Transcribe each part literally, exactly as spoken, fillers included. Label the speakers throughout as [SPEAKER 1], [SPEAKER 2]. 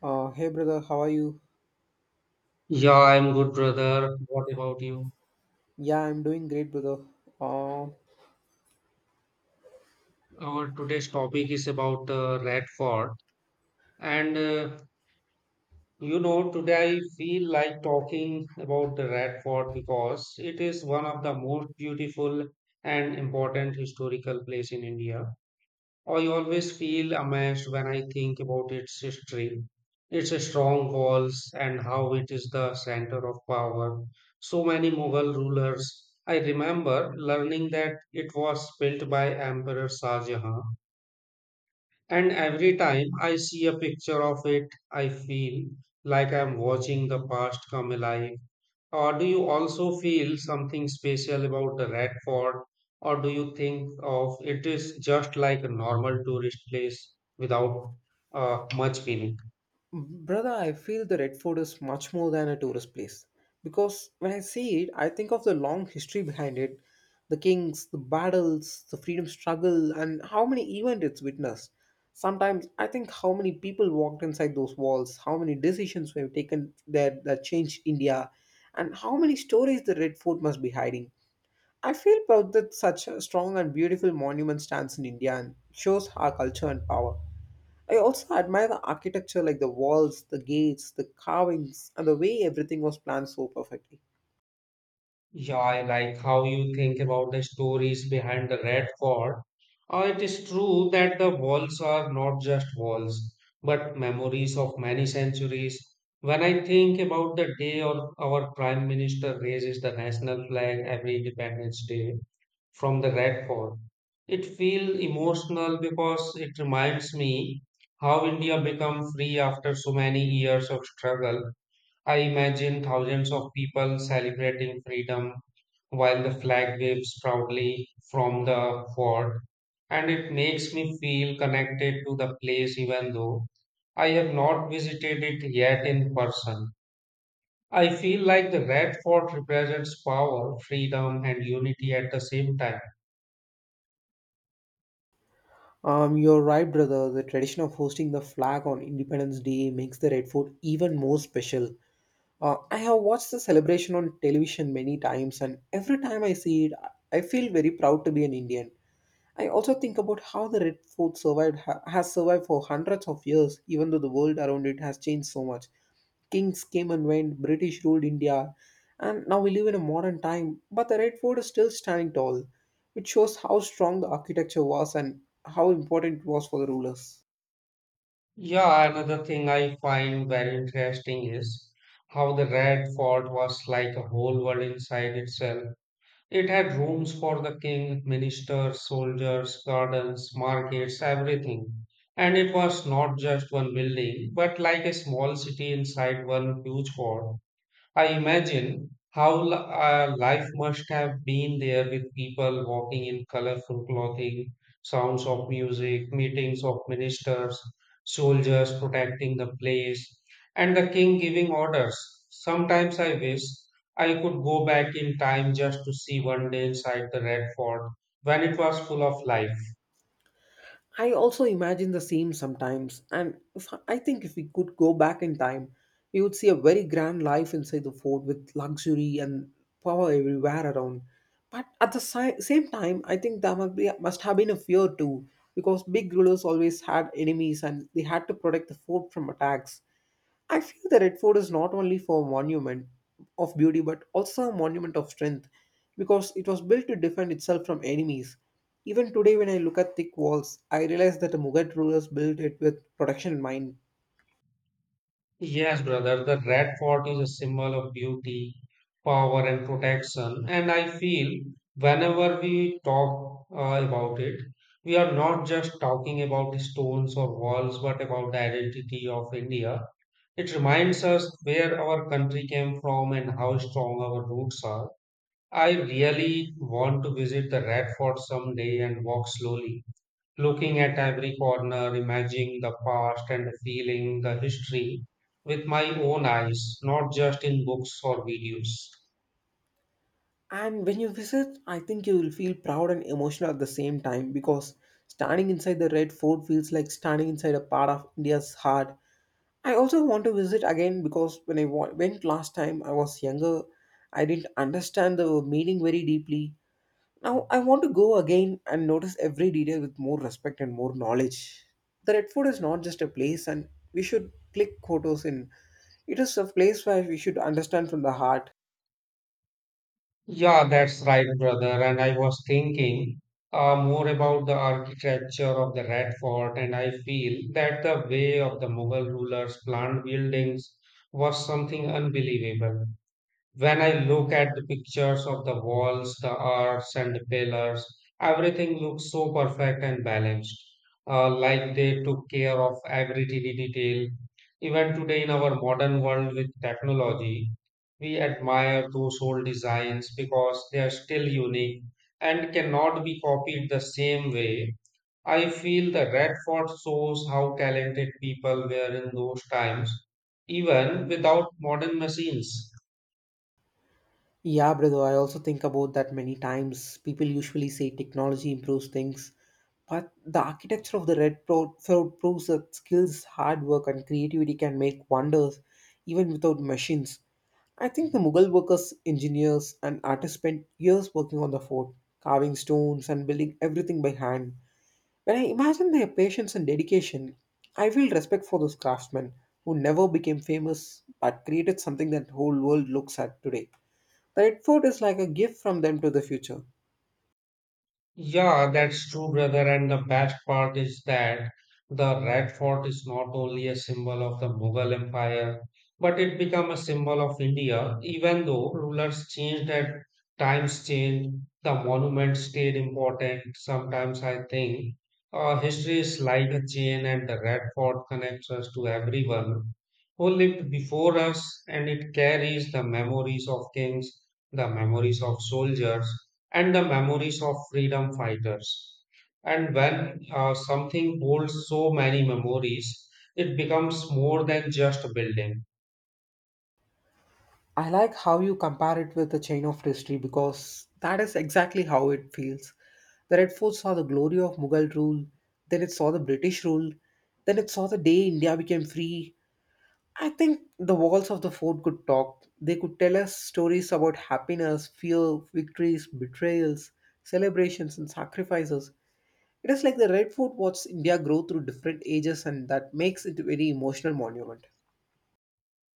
[SPEAKER 1] Uh, hey brother, how are you?
[SPEAKER 2] Yeah, I'm good, brother. What about you?
[SPEAKER 1] Yeah, I'm doing great, brother. Uh,
[SPEAKER 2] Our today's topic is about uh, rat fort, and uh, you know, today I feel like talking about the rat fort because it is one of the most beautiful and important historical place in India. I always feel amazed when I think about its history, its strongholds, and how it is the center of power. So many Mughal rulers. I remember learning that it was built by Emperor Shah Jahan, and every time I see a picture of it, I feel like I'm watching the past come alive. Or do you also feel something special about the Red Fort, or do you think of it is just like a normal tourist place without uh, much meaning?
[SPEAKER 1] Brother, I feel the Red Fort is much more than a tourist place because when I see it, I think of the long history behind it, the kings, the battles, the freedom struggle, and how many events it's witnessed. Sometimes I think how many people walked inside those walls, how many decisions were taken there that changed India, and how many stories the Red Fort must be hiding. I feel proud that such a strong and beautiful monument stands in India and shows our culture and power. I also admire the architecture like the walls, the gates, the carvings, and the way everything was planned so perfectly.
[SPEAKER 2] Yeah, I like how you think about the stories behind the Red Fort. Uh, it is true that the walls are not just walls, but memories of many centuries. When I think about the day or our Prime Minister raises the national flag every Independence Day, from the Radford. It feels emotional because it reminds me how India became free after so many years of struggle. I imagine thousands of people celebrating freedom while the flag waves proudly from the fort, and it makes me feel connected to the place even though I have not visited it yet in person. I feel like the Red Fort represents power, freedom, and unity at the same time.
[SPEAKER 1] Um, you're right, brother. The tradition of hosting the flag on Independence Day makes the Red Fort even more special. Uh, I have watched the celebration on television many times, and every time I see it, I feel very proud to be an Indian. I also think about how the Red Fort survived ha- has survived for hundreds of years, even though the world around it has changed so much. Kings came and went, British ruled India, and now we live in a modern time. But the Red Fort is still standing tall, which shows how strong the architecture was and how important it was for the rulers.
[SPEAKER 2] Yeah, another thing I find very interesting is how the Red Fort was like a whole world inside itself. It had rooms for the king, ministers, soldiers, gardens, markets, everything. And it was not just one building, but like a small city inside one huge fort. I imagine how li- uh, life must have been there with people walking in colorful clothing, sounds of music, meetings of ministers, soldiers protecting the place, and the king giving orders. Sometimes I wish I could go back in time just to see one day inside the Red Fort when it was full of life.
[SPEAKER 1] I also imagine the same sometimes, and if, I think if we could go back in time, we would see a very grand life inside the fort with luxury and power everywhere around. But at the si- same time, I think there must, be, must have been a fear too, because big rulers always had enemies and they had to protect the fort from attacks. I feel the Red Fort is not only for a monument of beauty but also a monument of strength because it was built to defend itself from enemies. Even today, when I look at thick walls, I realize that the Mughal rulers built it with protection in mind.
[SPEAKER 2] Yes, brother, the red fort is a symbol of beauty, power, and protection. And I feel whenever we talk uh, about it, we are not just talking about the stones or walls, but about the identity of India. It reminds us where our country came from and how strong our roots are. I really want to visit the Red Fort someday and walk slowly looking at every corner, imagining the past and feeling the history with my own eyes, not just in books or videos.
[SPEAKER 1] And when you visit, I think you will feel proud and emotional at the same time because standing inside the Red Fort feels like standing inside a part of India's heart. I also want to visit again because when I wa- went last time, I was younger. I didn't understand the meaning very deeply. Now I want to go again and notice every detail with more respect and more knowledge. The Redford is not just a place and we should click photos in. It is a place where we should understand from the heart.
[SPEAKER 2] Yeah, that's right, brother. And I was thinking uh, more about the architecture of the Red Fort, and I feel that the way of the Mughal rulers planned buildings was something unbelievable. When I look at the pictures of the walls, the arcs, and the pillars, everything looks so perfect and balanced, uh, like they took care of every tiny detail. Even today, in our modern world with technology, we admire those old designs because they are still unique and cannot be copied the same way. I feel the Red Fort shows how talented people were in those times, even without modern machines.
[SPEAKER 1] Yeah, brother, I also think about that many times. People usually say technology improves things, but the architecture of the red pro- floor proves that skills, hard work, and creativity can make wonders even without machines. I think the Mughal workers, engineers, and artists spent years working on the fort, carving stones and building everything by hand. When I imagine their patience and dedication, I feel respect for those craftsmen who never became famous but created something that whole world looks at today. The Red Fort is like a gift from them to the future.
[SPEAKER 2] Yeah, that's true, brother. And the best part is that the Red Fort is not only a symbol of the Mughal Empire, but it became a symbol of India. Even though rulers changed and times changed, the monument stayed important. Sometimes I think uh, history is like a chain, and the Red Fort connects us to everyone who lived before us, and it carries the memories of kings, the memories of soldiers and the memories of freedom fighters. And when uh, something holds so many memories, it becomes more than just a building.
[SPEAKER 1] I like how you compare it with the chain of history because that is exactly how it feels. The Red Fort saw the glory of Mughal rule, then it saw the British rule, then it saw the day India became free. I think the walls of the fort could talk. They could tell us stories about happiness, fear, victories, betrayals, celebrations, and sacrifices. It is like the Red Fort watched India grow through different ages, and that makes it a very emotional monument.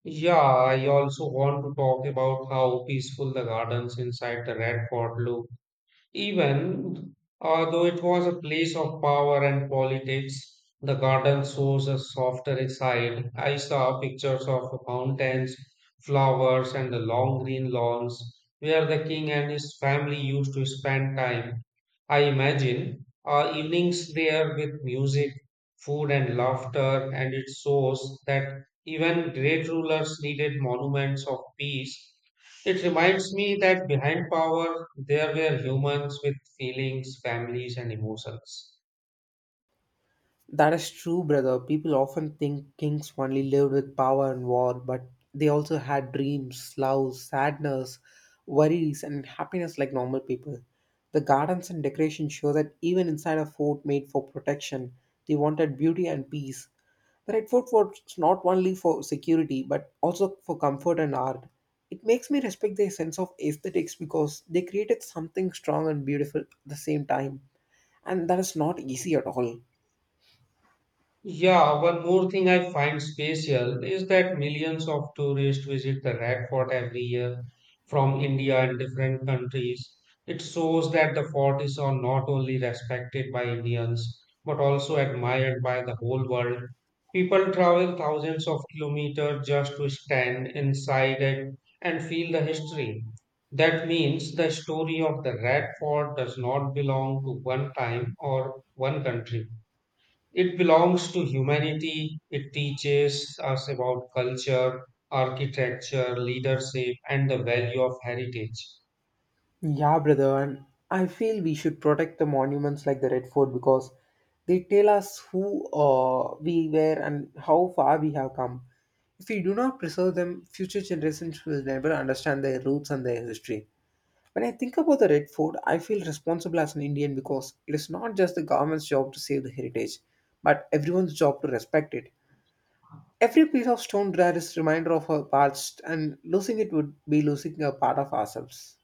[SPEAKER 2] Yeah, I also want to talk about how peaceful the gardens inside the Red Fort look. Even uh, though it was a place of power and politics, the garden shows a softer side. I saw pictures of fountains, flowers, and the long green lawns where the king and his family used to spend time. I imagine uh, evenings there with music, food, and laughter, and it shows that even great rulers needed monuments of peace. It reminds me that behind power, there were humans with feelings, families, and emotions.
[SPEAKER 1] That is true, brother. People often think kings only lived with power and war, but they also had dreams, love, sadness, worries, and happiness like normal people. The gardens and decorations show that even inside a fort made for protection, they wanted beauty and peace. The Red Fort was not only for security, but also for comfort and art. It makes me respect their sense of aesthetics because they created something strong and beautiful at the same time, and that is not easy at all.
[SPEAKER 2] Yeah, one more thing I find special is that millions of tourists visit the Red Fort every year from India and different countries. It shows that the fort is on- not only respected by Indians but also admired by the whole world. People travel thousands of kilometers just to stand inside it and feel the history. That means the story of the Red Fort does not belong to one time or one country. It belongs to humanity. It teaches us about culture, architecture, leadership, and the value of heritage.
[SPEAKER 1] Yeah, brother, and I feel we should protect the monuments like the Red Fort because they tell us who uh, we were and how far we have come. If we do not preserve them, future generations will never understand their roots and their history. When I think about the Red Fort, I feel responsible as an Indian because it is not just the government's job to save the heritage, but everyone's job to respect it. Every piece of stone there is a reminder of our past, and losing it would be losing a part of ourselves.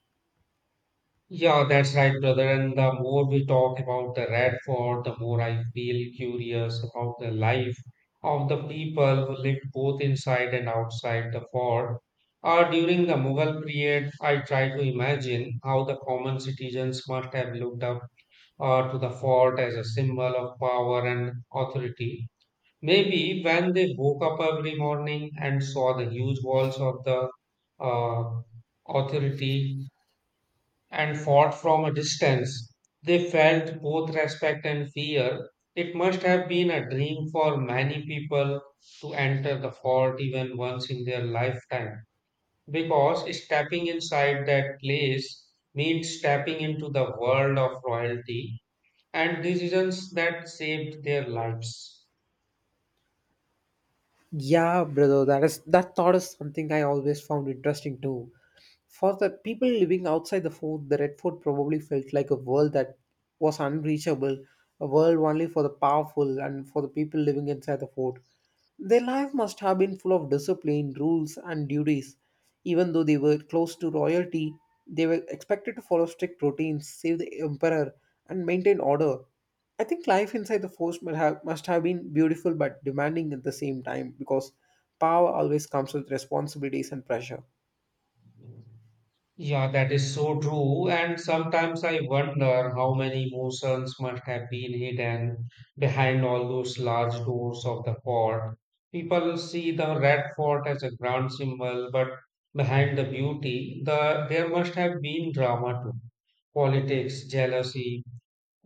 [SPEAKER 2] Yeah, that's right, brother. And the more we talk about the Red Fort, the more I feel curious about the life of the people who lived both inside and outside the fort. Or during the Mughal period, I try to imagine how the common citizens must have looked up uh, to the fort as a symbol of power and authority. Maybe when they woke up every morning and saw the huge walls of the uh, authority and fought from a distance, they felt both respect and fear. It must have been a dream for many people to enter the fort even once in their lifetime, because stepping inside that place means stepping into the world of royalty and decisions that saved their lives.
[SPEAKER 1] Yeah, brother, that is that thought is something I always found interesting too. For the people living outside the fort, the Red Fort probably felt like a world that was unreachable, a world only for the powerful and for the people living inside the fort. Their life must have been full of discipline, rules, and duties. Even though they were close to royalty, they were expected to follow strict routines, save the emperor, and maintain order. I think life inside the force must have, must have been beautiful but demanding at the same time because power always comes with responsibilities and pressure.
[SPEAKER 2] Yeah, that is so true. And sometimes I wonder how many emotions must have been hidden behind all those large doors of the fort. People see the red fort as a grand symbol, but behind the beauty, the there must have been drama too. Politics, jealousy,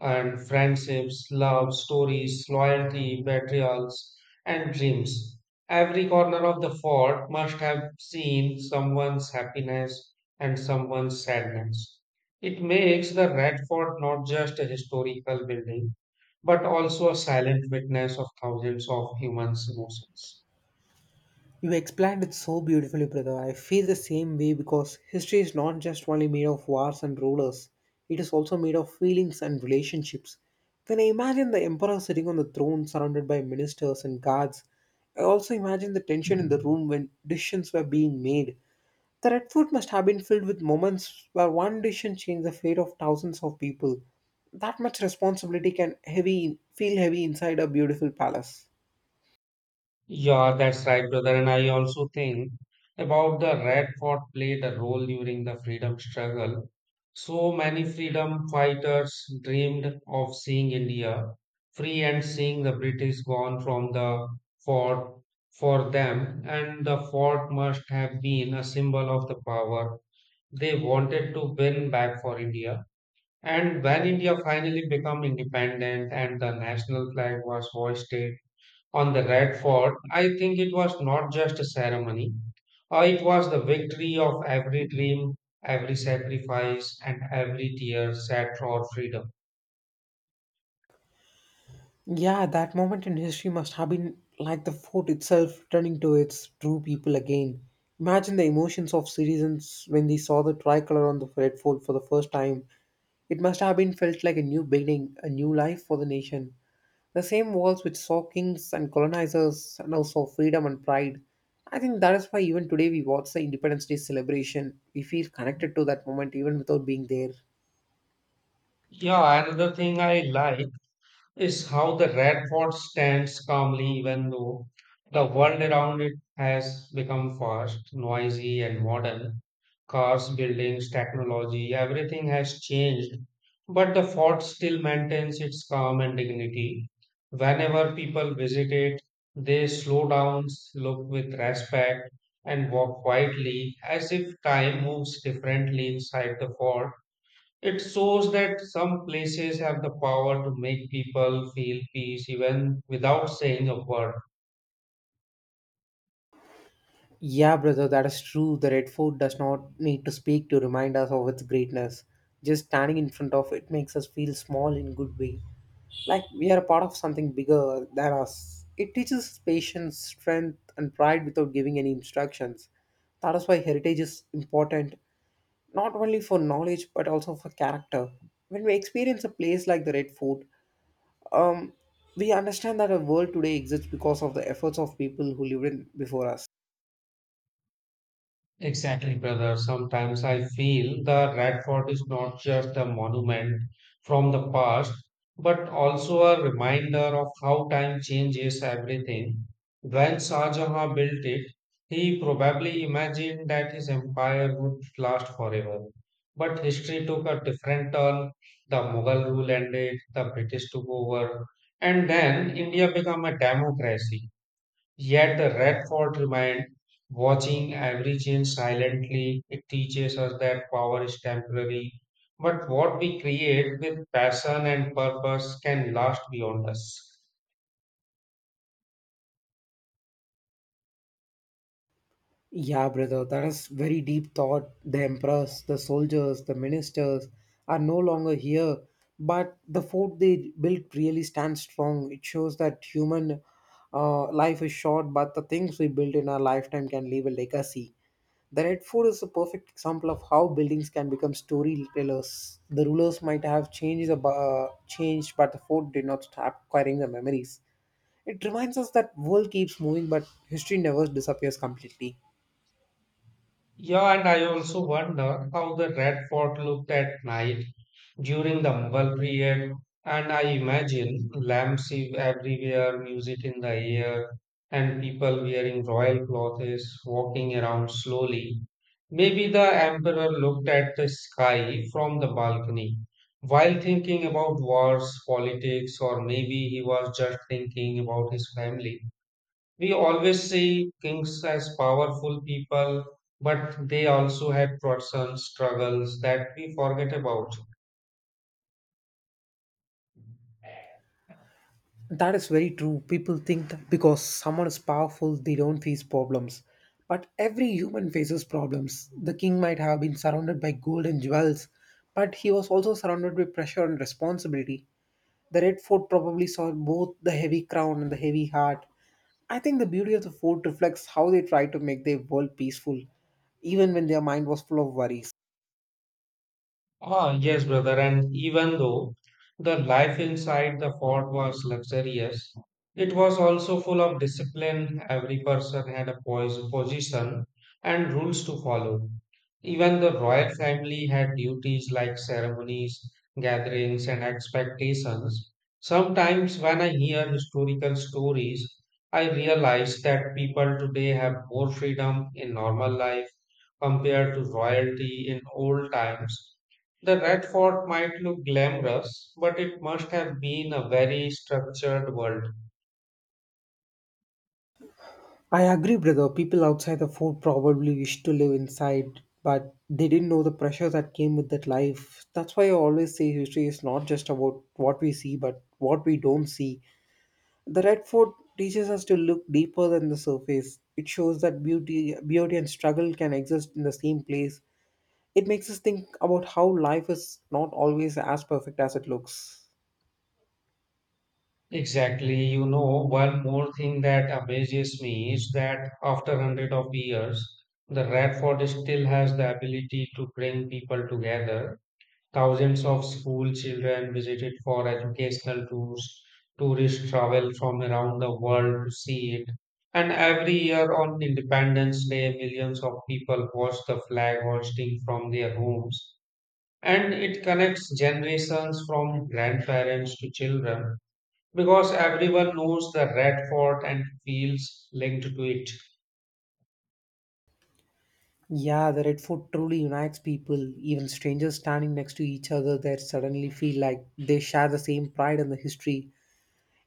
[SPEAKER 2] and friendships, love, stories, loyalty, betrayals, and dreams. Every corner of the fort must have seen someone's happiness and someone's sadness. It makes the Red Fort not just a historical building, but also a silent witness of thousands of humans' emotions.
[SPEAKER 1] You explained it so beautifully, brother. I feel the same way because history is not just only made of wars and rulers, it is also made of feelings and relationships. When I imagine the emperor sitting on the throne surrounded by ministers and guards, I also imagine the tension in the room when decisions were being made. The Red Fort must have been filled with moments where one decision changed the fate of thousands of people. That much responsibility can heavy feel heavy inside a beautiful palace.
[SPEAKER 2] Yeah, that's right, brother. And I also think about the Red Fort played a role during the freedom struggle. So many freedom fighters dreamed of seeing India free and seeing the British gone from the fort for them. And the fort must have been a symbol of the power they wanted to win back for India. And when India finally became independent and the national flag was hoisted, on the Red Fort, I think it was not just a ceremony. Uh, it was the victory of every dream, every sacrifice, and every tear shed for freedom.
[SPEAKER 1] Yeah, that moment in history must have been like the fort itself returning to its true people again. Imagine the emotions of citizens when they saw the tricolor on the red fort for the first time. It must have been felt like a new beginning, a new life for the nation. The same walls which saw kings and colonizers now saw freedom and pride. I think that is why even today we watch the Independence Day celebration. We feel connected to that moment even without being there.
[SPEAKER 2] Yeah, another thing I like is how the red fort stands calmly even though the world around it has become fast, noisy, and modern. Cars, buildings, technology, everything has changed, but the fort still maintains its calm and dignity. Whenever people visit it, they slow down, look with respect, and walk quietly as if time moves differently inside the fort. It shows that some places have the power to make people feel peace even without saying a word.
[SPEAKER 1] Yeah, brother, that is true. The Red Fort does not need to speak to remind us of its greatness. Just standing in front of it makes us feel small in good way. Like we are a part of something bigger than us. It teaches us patience, strength, and pride without giving any instructions. That is why heritage is important, not only for knowledge but also for character. When we experience a place like the Red Fort, um, we understand that our world today exists because of the efforts of people who lived in before us.
[SPEAKER 2] Exactly, brother. Sometimes I feel the Red Fort is not just a monument from the past, but also a reminder of how time changes everything. When Shah Jahan built it, he probably imagined that his empire would last forever. But history took a different turn. The Mughal rule ended, the British took over, and then India became a democracy. Yet the rat fort remained watching every change silently. It teaches us that power is temporary, but what we create with passion and purpose can last beyond us.
[SPEAKER 1] Yeah, brother, that is very deep thought. The empress, the soldiers, the ministers are no longer here, but the fort they built really stands strong. It shows that human uh, life is short, but the things we build in our lifetime can leave a legacy. The Red Fort is a perfect example of how buildings can become storytellers. The rulers might have changed, the uh, changed, but the fort did not stop carrying the memories. It reminds us that world keeps moving, but history never disappears completely.
[SPEAKER 2] Yeah, and I also wonder how the red fort looked at night during the Mughal period. And I imagine lamps ev- everywhere, music in the air, and people wearing royal clothes walking around slowly. Maybe the emperor looked at the sky from the balcony while thinking about wars, politics, or maybe he was just thinking about his family. We always see kings as powerful people, but they also had personal struggles that we forget about.
[SPEAKER 1] That is very true. People think that because someone is powerful, they don't face problems. But every human faces problems. The king might have been surrounded by gold and jewels, but he was also surrounded by pressure and responsibility. The Red Fort probably saw both the heavy crown and the heavy heart. I think the beauty of the fort reflects how they tried to make their world peaceful, even when their mind was full of worries.
[SPEAKER 2] Ah, yes, brother. And even though the life inside the fort was luxurious, it was also full of discipline. Every person had a pos- position and rules to follow. Even the royal family had duties like ceremonies, gatherings, and expectations. Sometimes, when I hear historical stories, I realize that people today have more freedom in normal life compared to royalty in old times. The Red Fort might look glamorous, but it must have been a very structured world.
[SPEAKER 1] I agree, brother. People outside the fort probably wished to live inside, but they didn't know the pressure that came with that life. That's why I always say history is not just about what we see, but what we don't see. The Red Fort teaches us to look deeper than the surface. It shows that beauty, beauty and struggle can exist in the same place. It makes us think about how life is not always as perfect as it looks.
[SPEAKER 2] Exactly. You know, one more thing that amazes me is that after hundred of years, the Red Fort still has the ability to bring people together. Thousands of school children visited for educational tours. Tourists travel from around the world to see it. And every year on Independence Day, millions of people watch the flag hoisting from their homes. And it connects generations from grandparents to children because everyone knows the Red Fort and feels linked to it.
[SPEAKER 1] Yeah, the red fort truly unites people. Even strangers standing next to each other there suddenly feel like they share the same pride and the history.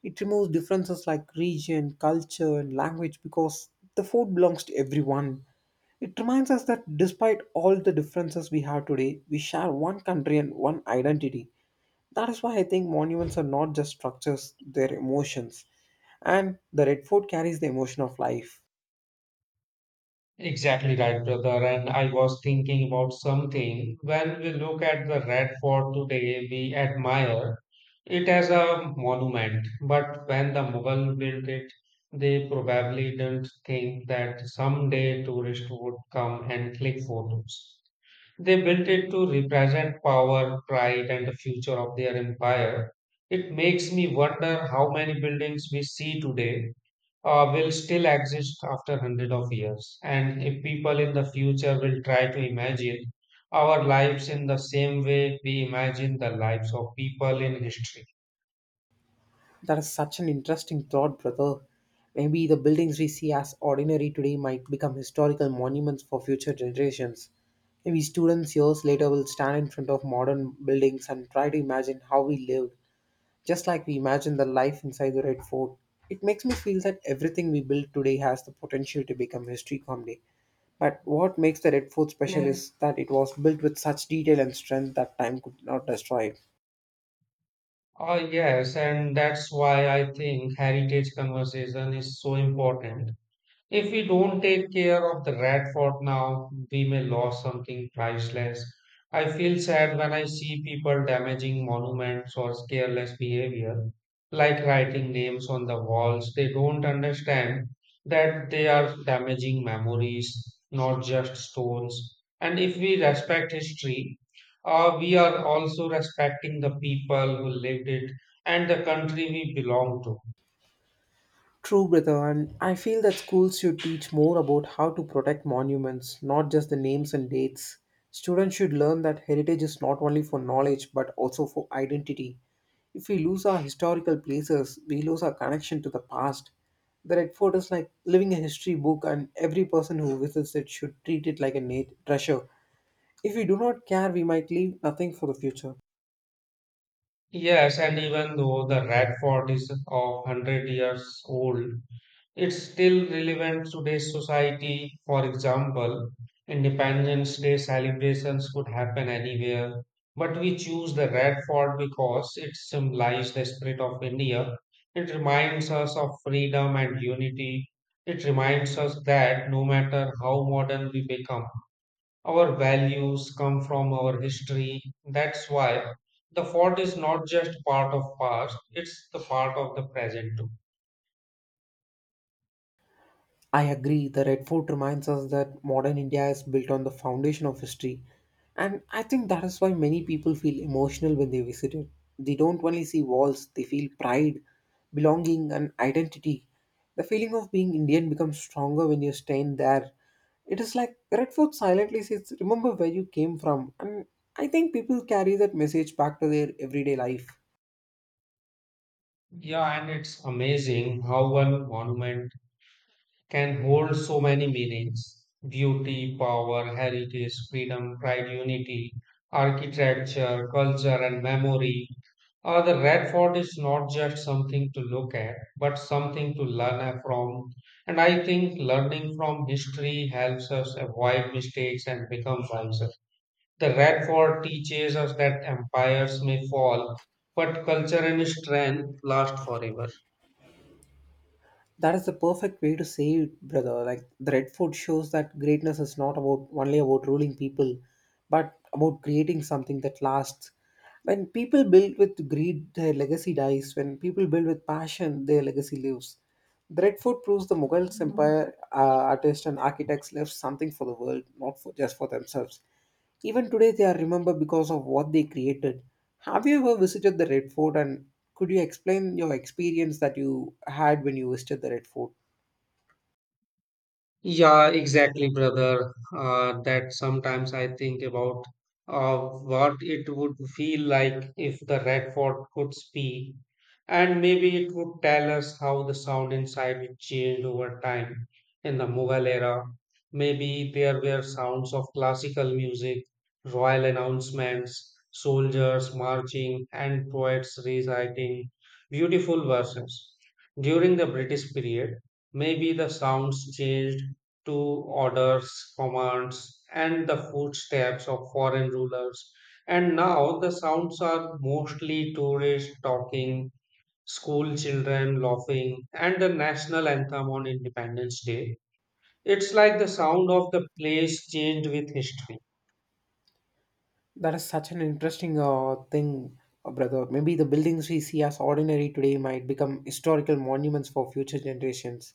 [SPEAKER 1] It removes differences like region, culture, and language because the food belongs to everyone. It reminds us that despite all the differences we have today, we share one country and one identity. That is why I think monuments are not just structures, they're emotions. And the red fort carries the emotion of life.
[SPEAKER 2] Exactly right, brother. And I was thinking about something. When we look at the Red Fort today, we admire it as a monument. But when the Mughal built it, they probably didn't think that someday tourists would come and click photos. They built it to represent power, pride, and the future of their empire. It makes me wonder how many buildings we see today uh, will still exist after hundred of years, and if people in the future will try to imagine our lives in the same way we imagine the lives of people in history.
[SPEAKER 1] That is such an interesting thought, brother. Maybe the buildings we see as ordinary today might become historical monuments for future generations. Maybe students years later will stand in front of modern buildings and try to imagine how we lived, just like we imagine the life inside the Red Fort. It makes me feel that everything we build today has the potential to become history someday. But what makes the Red Fort special? Yeah. Is that it was built with such detail and strength that time could not destroy it.
[SPEAKER 2] Uh, yes, and that's why I think heritage conversation is so important. If we don't take care of the rat fort now, we may lose something priceless. I feel sad when I see people damaging monuments or careless behavior, like writing names on the walls. They don't understand that they are damaging memories, not just stones. And if we respect history, uh, we are also respecting the people who lived it and the country we belong to.
[SPEAKER 1] True, brother, and I feel that schools should teach more about how to protect monuments, not just the names and dates. Students should learn that heritage is not only for knowledge but also for identity. If we lose our historical places, we lose our connection to the past. The Red Fort is like living a history book, and every person who visits it should treat it like a nat- treasure. If we do not care, we might leave nothing for the future.
[SPEAKER 2] Yes, and even though the Radford is of hundred years old, it's still relevant to today's society. For example, Independence Day celebrations could happen anywhere, but we choose the Radford because it symbolizes the spirit of India. It reminds us of freedom and unity. It reminds us that no matter how modern we become, our values come from our history. That's why the fort is not just part of past, it's the part of the present too.
[SPEAKER 1] I agree, the Red Fort reminds us that modern India is built on the foundation of history. And I think that is why many people feel emotional when they visit it. They don't only see walls, they feel pride, belonging, and identity. The feeling of being Indian becomes stronger when you stand there. It is like Red Fort silently says, "Remember where you came from." And I think people carry that message back to their everyday life.
[SPEAKER 2] Yeah, and it's amazing how one monument can hold so many meanings: beauty, power, heritage, freedom, pride, unity, architecture, culture, and memory. Uh, the Red Fort is not just something to look at, but something to learn from. And I think learning from history helps us avoid mistakes and become wiser. The Red Fort teaches us that empires may fall, but culture and strength last forever.
[SPEAKER 1] That is the perfect way to say it, brother. Like the Red Fort shows that greatness is not about, only about ruling people, but about creating something that lasts. When people build with greed, their legacy dies. When people build with passion, their legacy lives. The Red Fort proves the Mughals empire, uh, artists and architects left something for the world, not for just for themselves. Even today, they are remembered because of what they created. Have you ever visited the Red Fort, and could you explain your experience that you had when you visited the Red Fort?
[SPEAKER 2] Yeah, exactly, brother. Uh, that sometimes I think about uh, what it would feel like if the record could speak, and maybe it would tell us how the sound inside it changed over time. In the Mughal era, maybe there were sounds of classical music, royal announcements, soldiers marching, and poets reciting beautiful verses. During the British period, maybe the sounds changed to orders, commands, and the footsteps of foreign rulers. And now the sounds are mostly tourists talking, school children laughing, and the national anthem on Independence Day. It's like the sound of the place changed with history.
[SPEAKER 1] That is such an interesting uh, thing, uh, brother. Maybe the buildings we see as ordinary today might become historical monuments for future generations.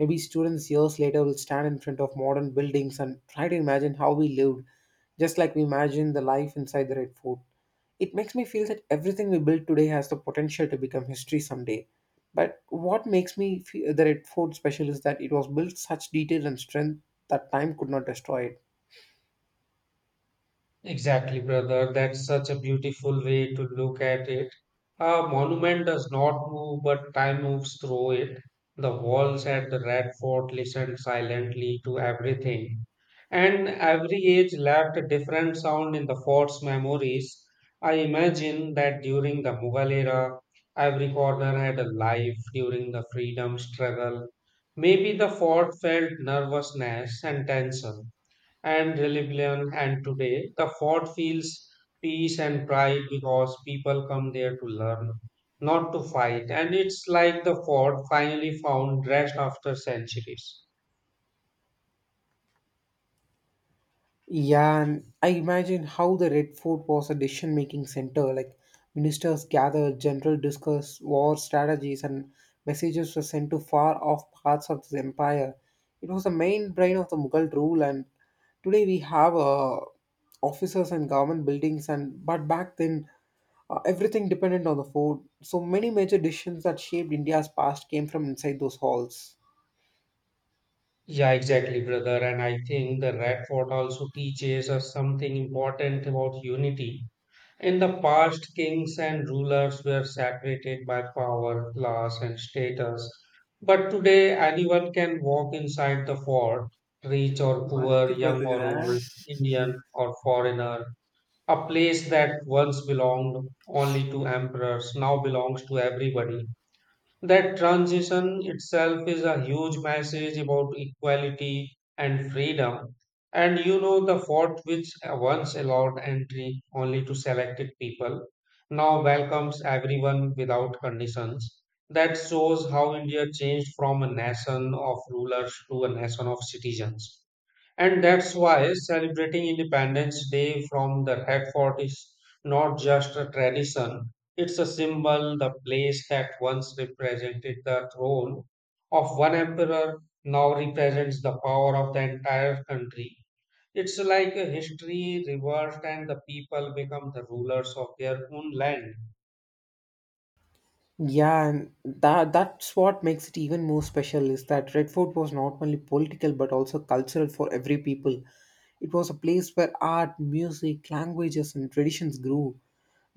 [SPEAKER 1] Maybe students years later will stand in front of modern buildings and try to imagine how we lived, just like we imagined the life inside the Red Fort. It makes me feel that everything we build today has the potential to become history someday. But what makes me feel the Red Fort special is that it was built such detail and strength that time could not destroy it.
[SPEAKER 2] Exactly, brother. That's such a beautiful way to look at it. A monument does not move, but time moves through it. The walls at the Red Fort listened silently to everything, and every age left a different sound in the fort's memories. I imagine that during the Mughal era, every corner had a life during the freedom struggle. Maybe the fort felt nervousness and tension and rebellion. And today, the fort feels peace and pride because people come there to learn, not to fight. And it's like the fort finally found rest after centuries.
[SPEAKER 1] Yeah, and I imagine how the Red Fort was a decision making center. Like ministers gathered, general discussed war strategies, and messages were sent to far off parts of the empire. It was the main brain of the Mughal rule, and today we have uh, offices and government buildings. And but back then, uh, everything depended on the fort. So many major decisions that shaped India's past came from inside those halls.
[SPEAKER 2] Yeah, exactly, brother. And I think the Red Fort also teaches us something important about unity. In the past, kings and rulers were separated by power, class, and status. But today, anyone can walk inside the fort, rich or poor,
[SPEAKER 1] பாத்துக்கு
[SPEAKER 2] young or
[SPEAKER 1] பாத்துக்கிறேன்.
[SPEAKER 2] old, Indian or foreigner. A place that once belonged only to emperors now belongs to everybody. That transition itself is a huge message about equality and freedom. And you know, the fort, which once allowed entry only to selected people, now welcomes everyone without conditions. That shows how India changed from a nation of rulers to a nation of citizens. And that's why celebrating Independence Day from the Red Fort is not just a tradition, it's a symbol. The place that once represented the throne of one emperor now represents the power of the entire country. It's like a history reversed, and the people become the rulers of their own land.
[SPEAKER 1] Yeah, and that that's what makes it even more special is that Redford was not only political but also cultural for every people. It was a place where art, music, languages, and traditions grew.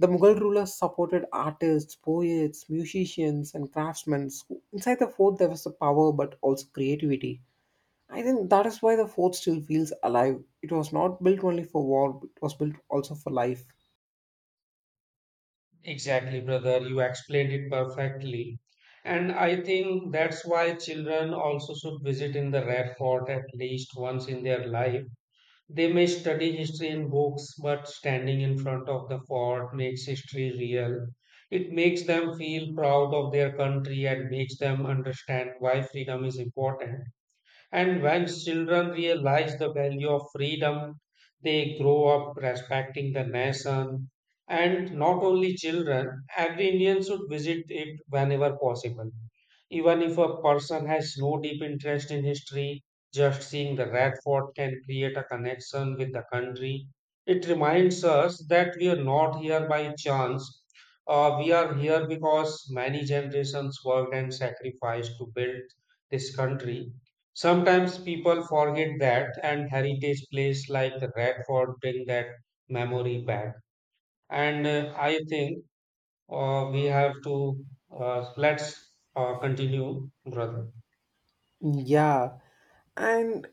[SPEAKER 1] The Mughal rulers supported artists, poets, musicians, and craftsmen. So inside the fort, there was the power but also creativity. I think that is why the fort still feels alive. It was not built only for war, it was built also for life.
[SPEAKER 2] Exactly, brother. You explained it perfectly. And I think that's why children also should visit in the Red Fort at least once in their life. They may study history in books, but standing in front of the fort makes history real. It makes them feel proud of their country and makes them understand why freedom is important. And when children realize the value of freedom, they grow up respecting the nation. And not only children, every Indian should visit it whenever possible. Even if a person has no deep interest in history, just seeing the Red Fort can create a connection with the country. It reminds us that we are not here by chance. Uh, we are here because many generations worked and sacrificed to build this country. Sometimes people forget that, and heritage places like Radford bring that memory back. And uh, I think uh, we have to uh, let's uh, continue, brother.
[SPEAKER 1] Yeah, and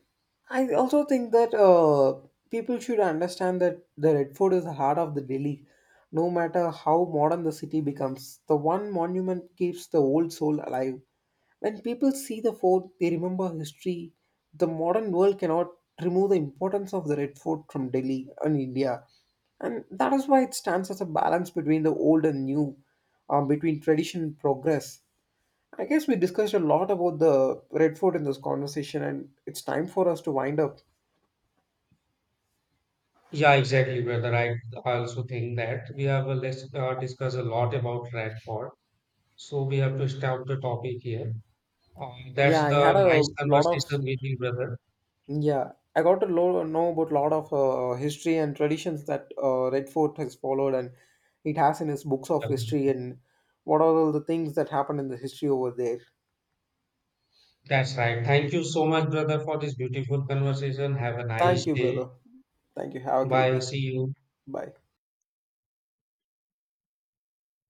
[SPEAKER 1] I also think that uh, people should understand that the Red Fort is the heart of the Delhi. No matter how modern the city becomes, the one monument keeps the old soul alive. When people see the fort, they remember history. The modern world cannot remove the importance of the Red Fort from Delhi and India. And that is why it stands as a balance between the old and new, um, between tradition and progress. I guess we discussed a lot about the Red Fort in this conversation, and it's time for us to wind up.
[SPEAKER 2] Yeah, exactly, brother. I also think that we have a, let's uh, discuss a lot about Radford. So we have to stop the topic here. Uh,
[SPEAKER 1] Yeah,
[SPEAKER 2] that's
[SPEAKER 1] I had
[SPEAKER 2] the
[SPEAKER 1] a
[SPEAKER 2] nice
[SPEAKER 1] lot of,
[SPEAKER 2] conversation with you, brother.
[SPEAKER 1] yeah, I got to lo- know about lot of uh, history and traditions that uh, Red Fort has followed, and it has in his books of
[SPEAKER 2] Yeah,
[SPEAKER 1] history, and what are all the things that happened in the history over there.
[SPEAKER 2] that's right. Thank you so much, brother, for this beautiful conversation. Have a nice
[SPEAKER 1] Thank you,
[SPEAKER 2] day.
[SPEAKER 1] brother. Thank you. Have a great
[SPEAKER 2] Bye.
[SPEAKER 1] day.
[SPEAKER 2] See you.
[SPEAKER 1] Bye.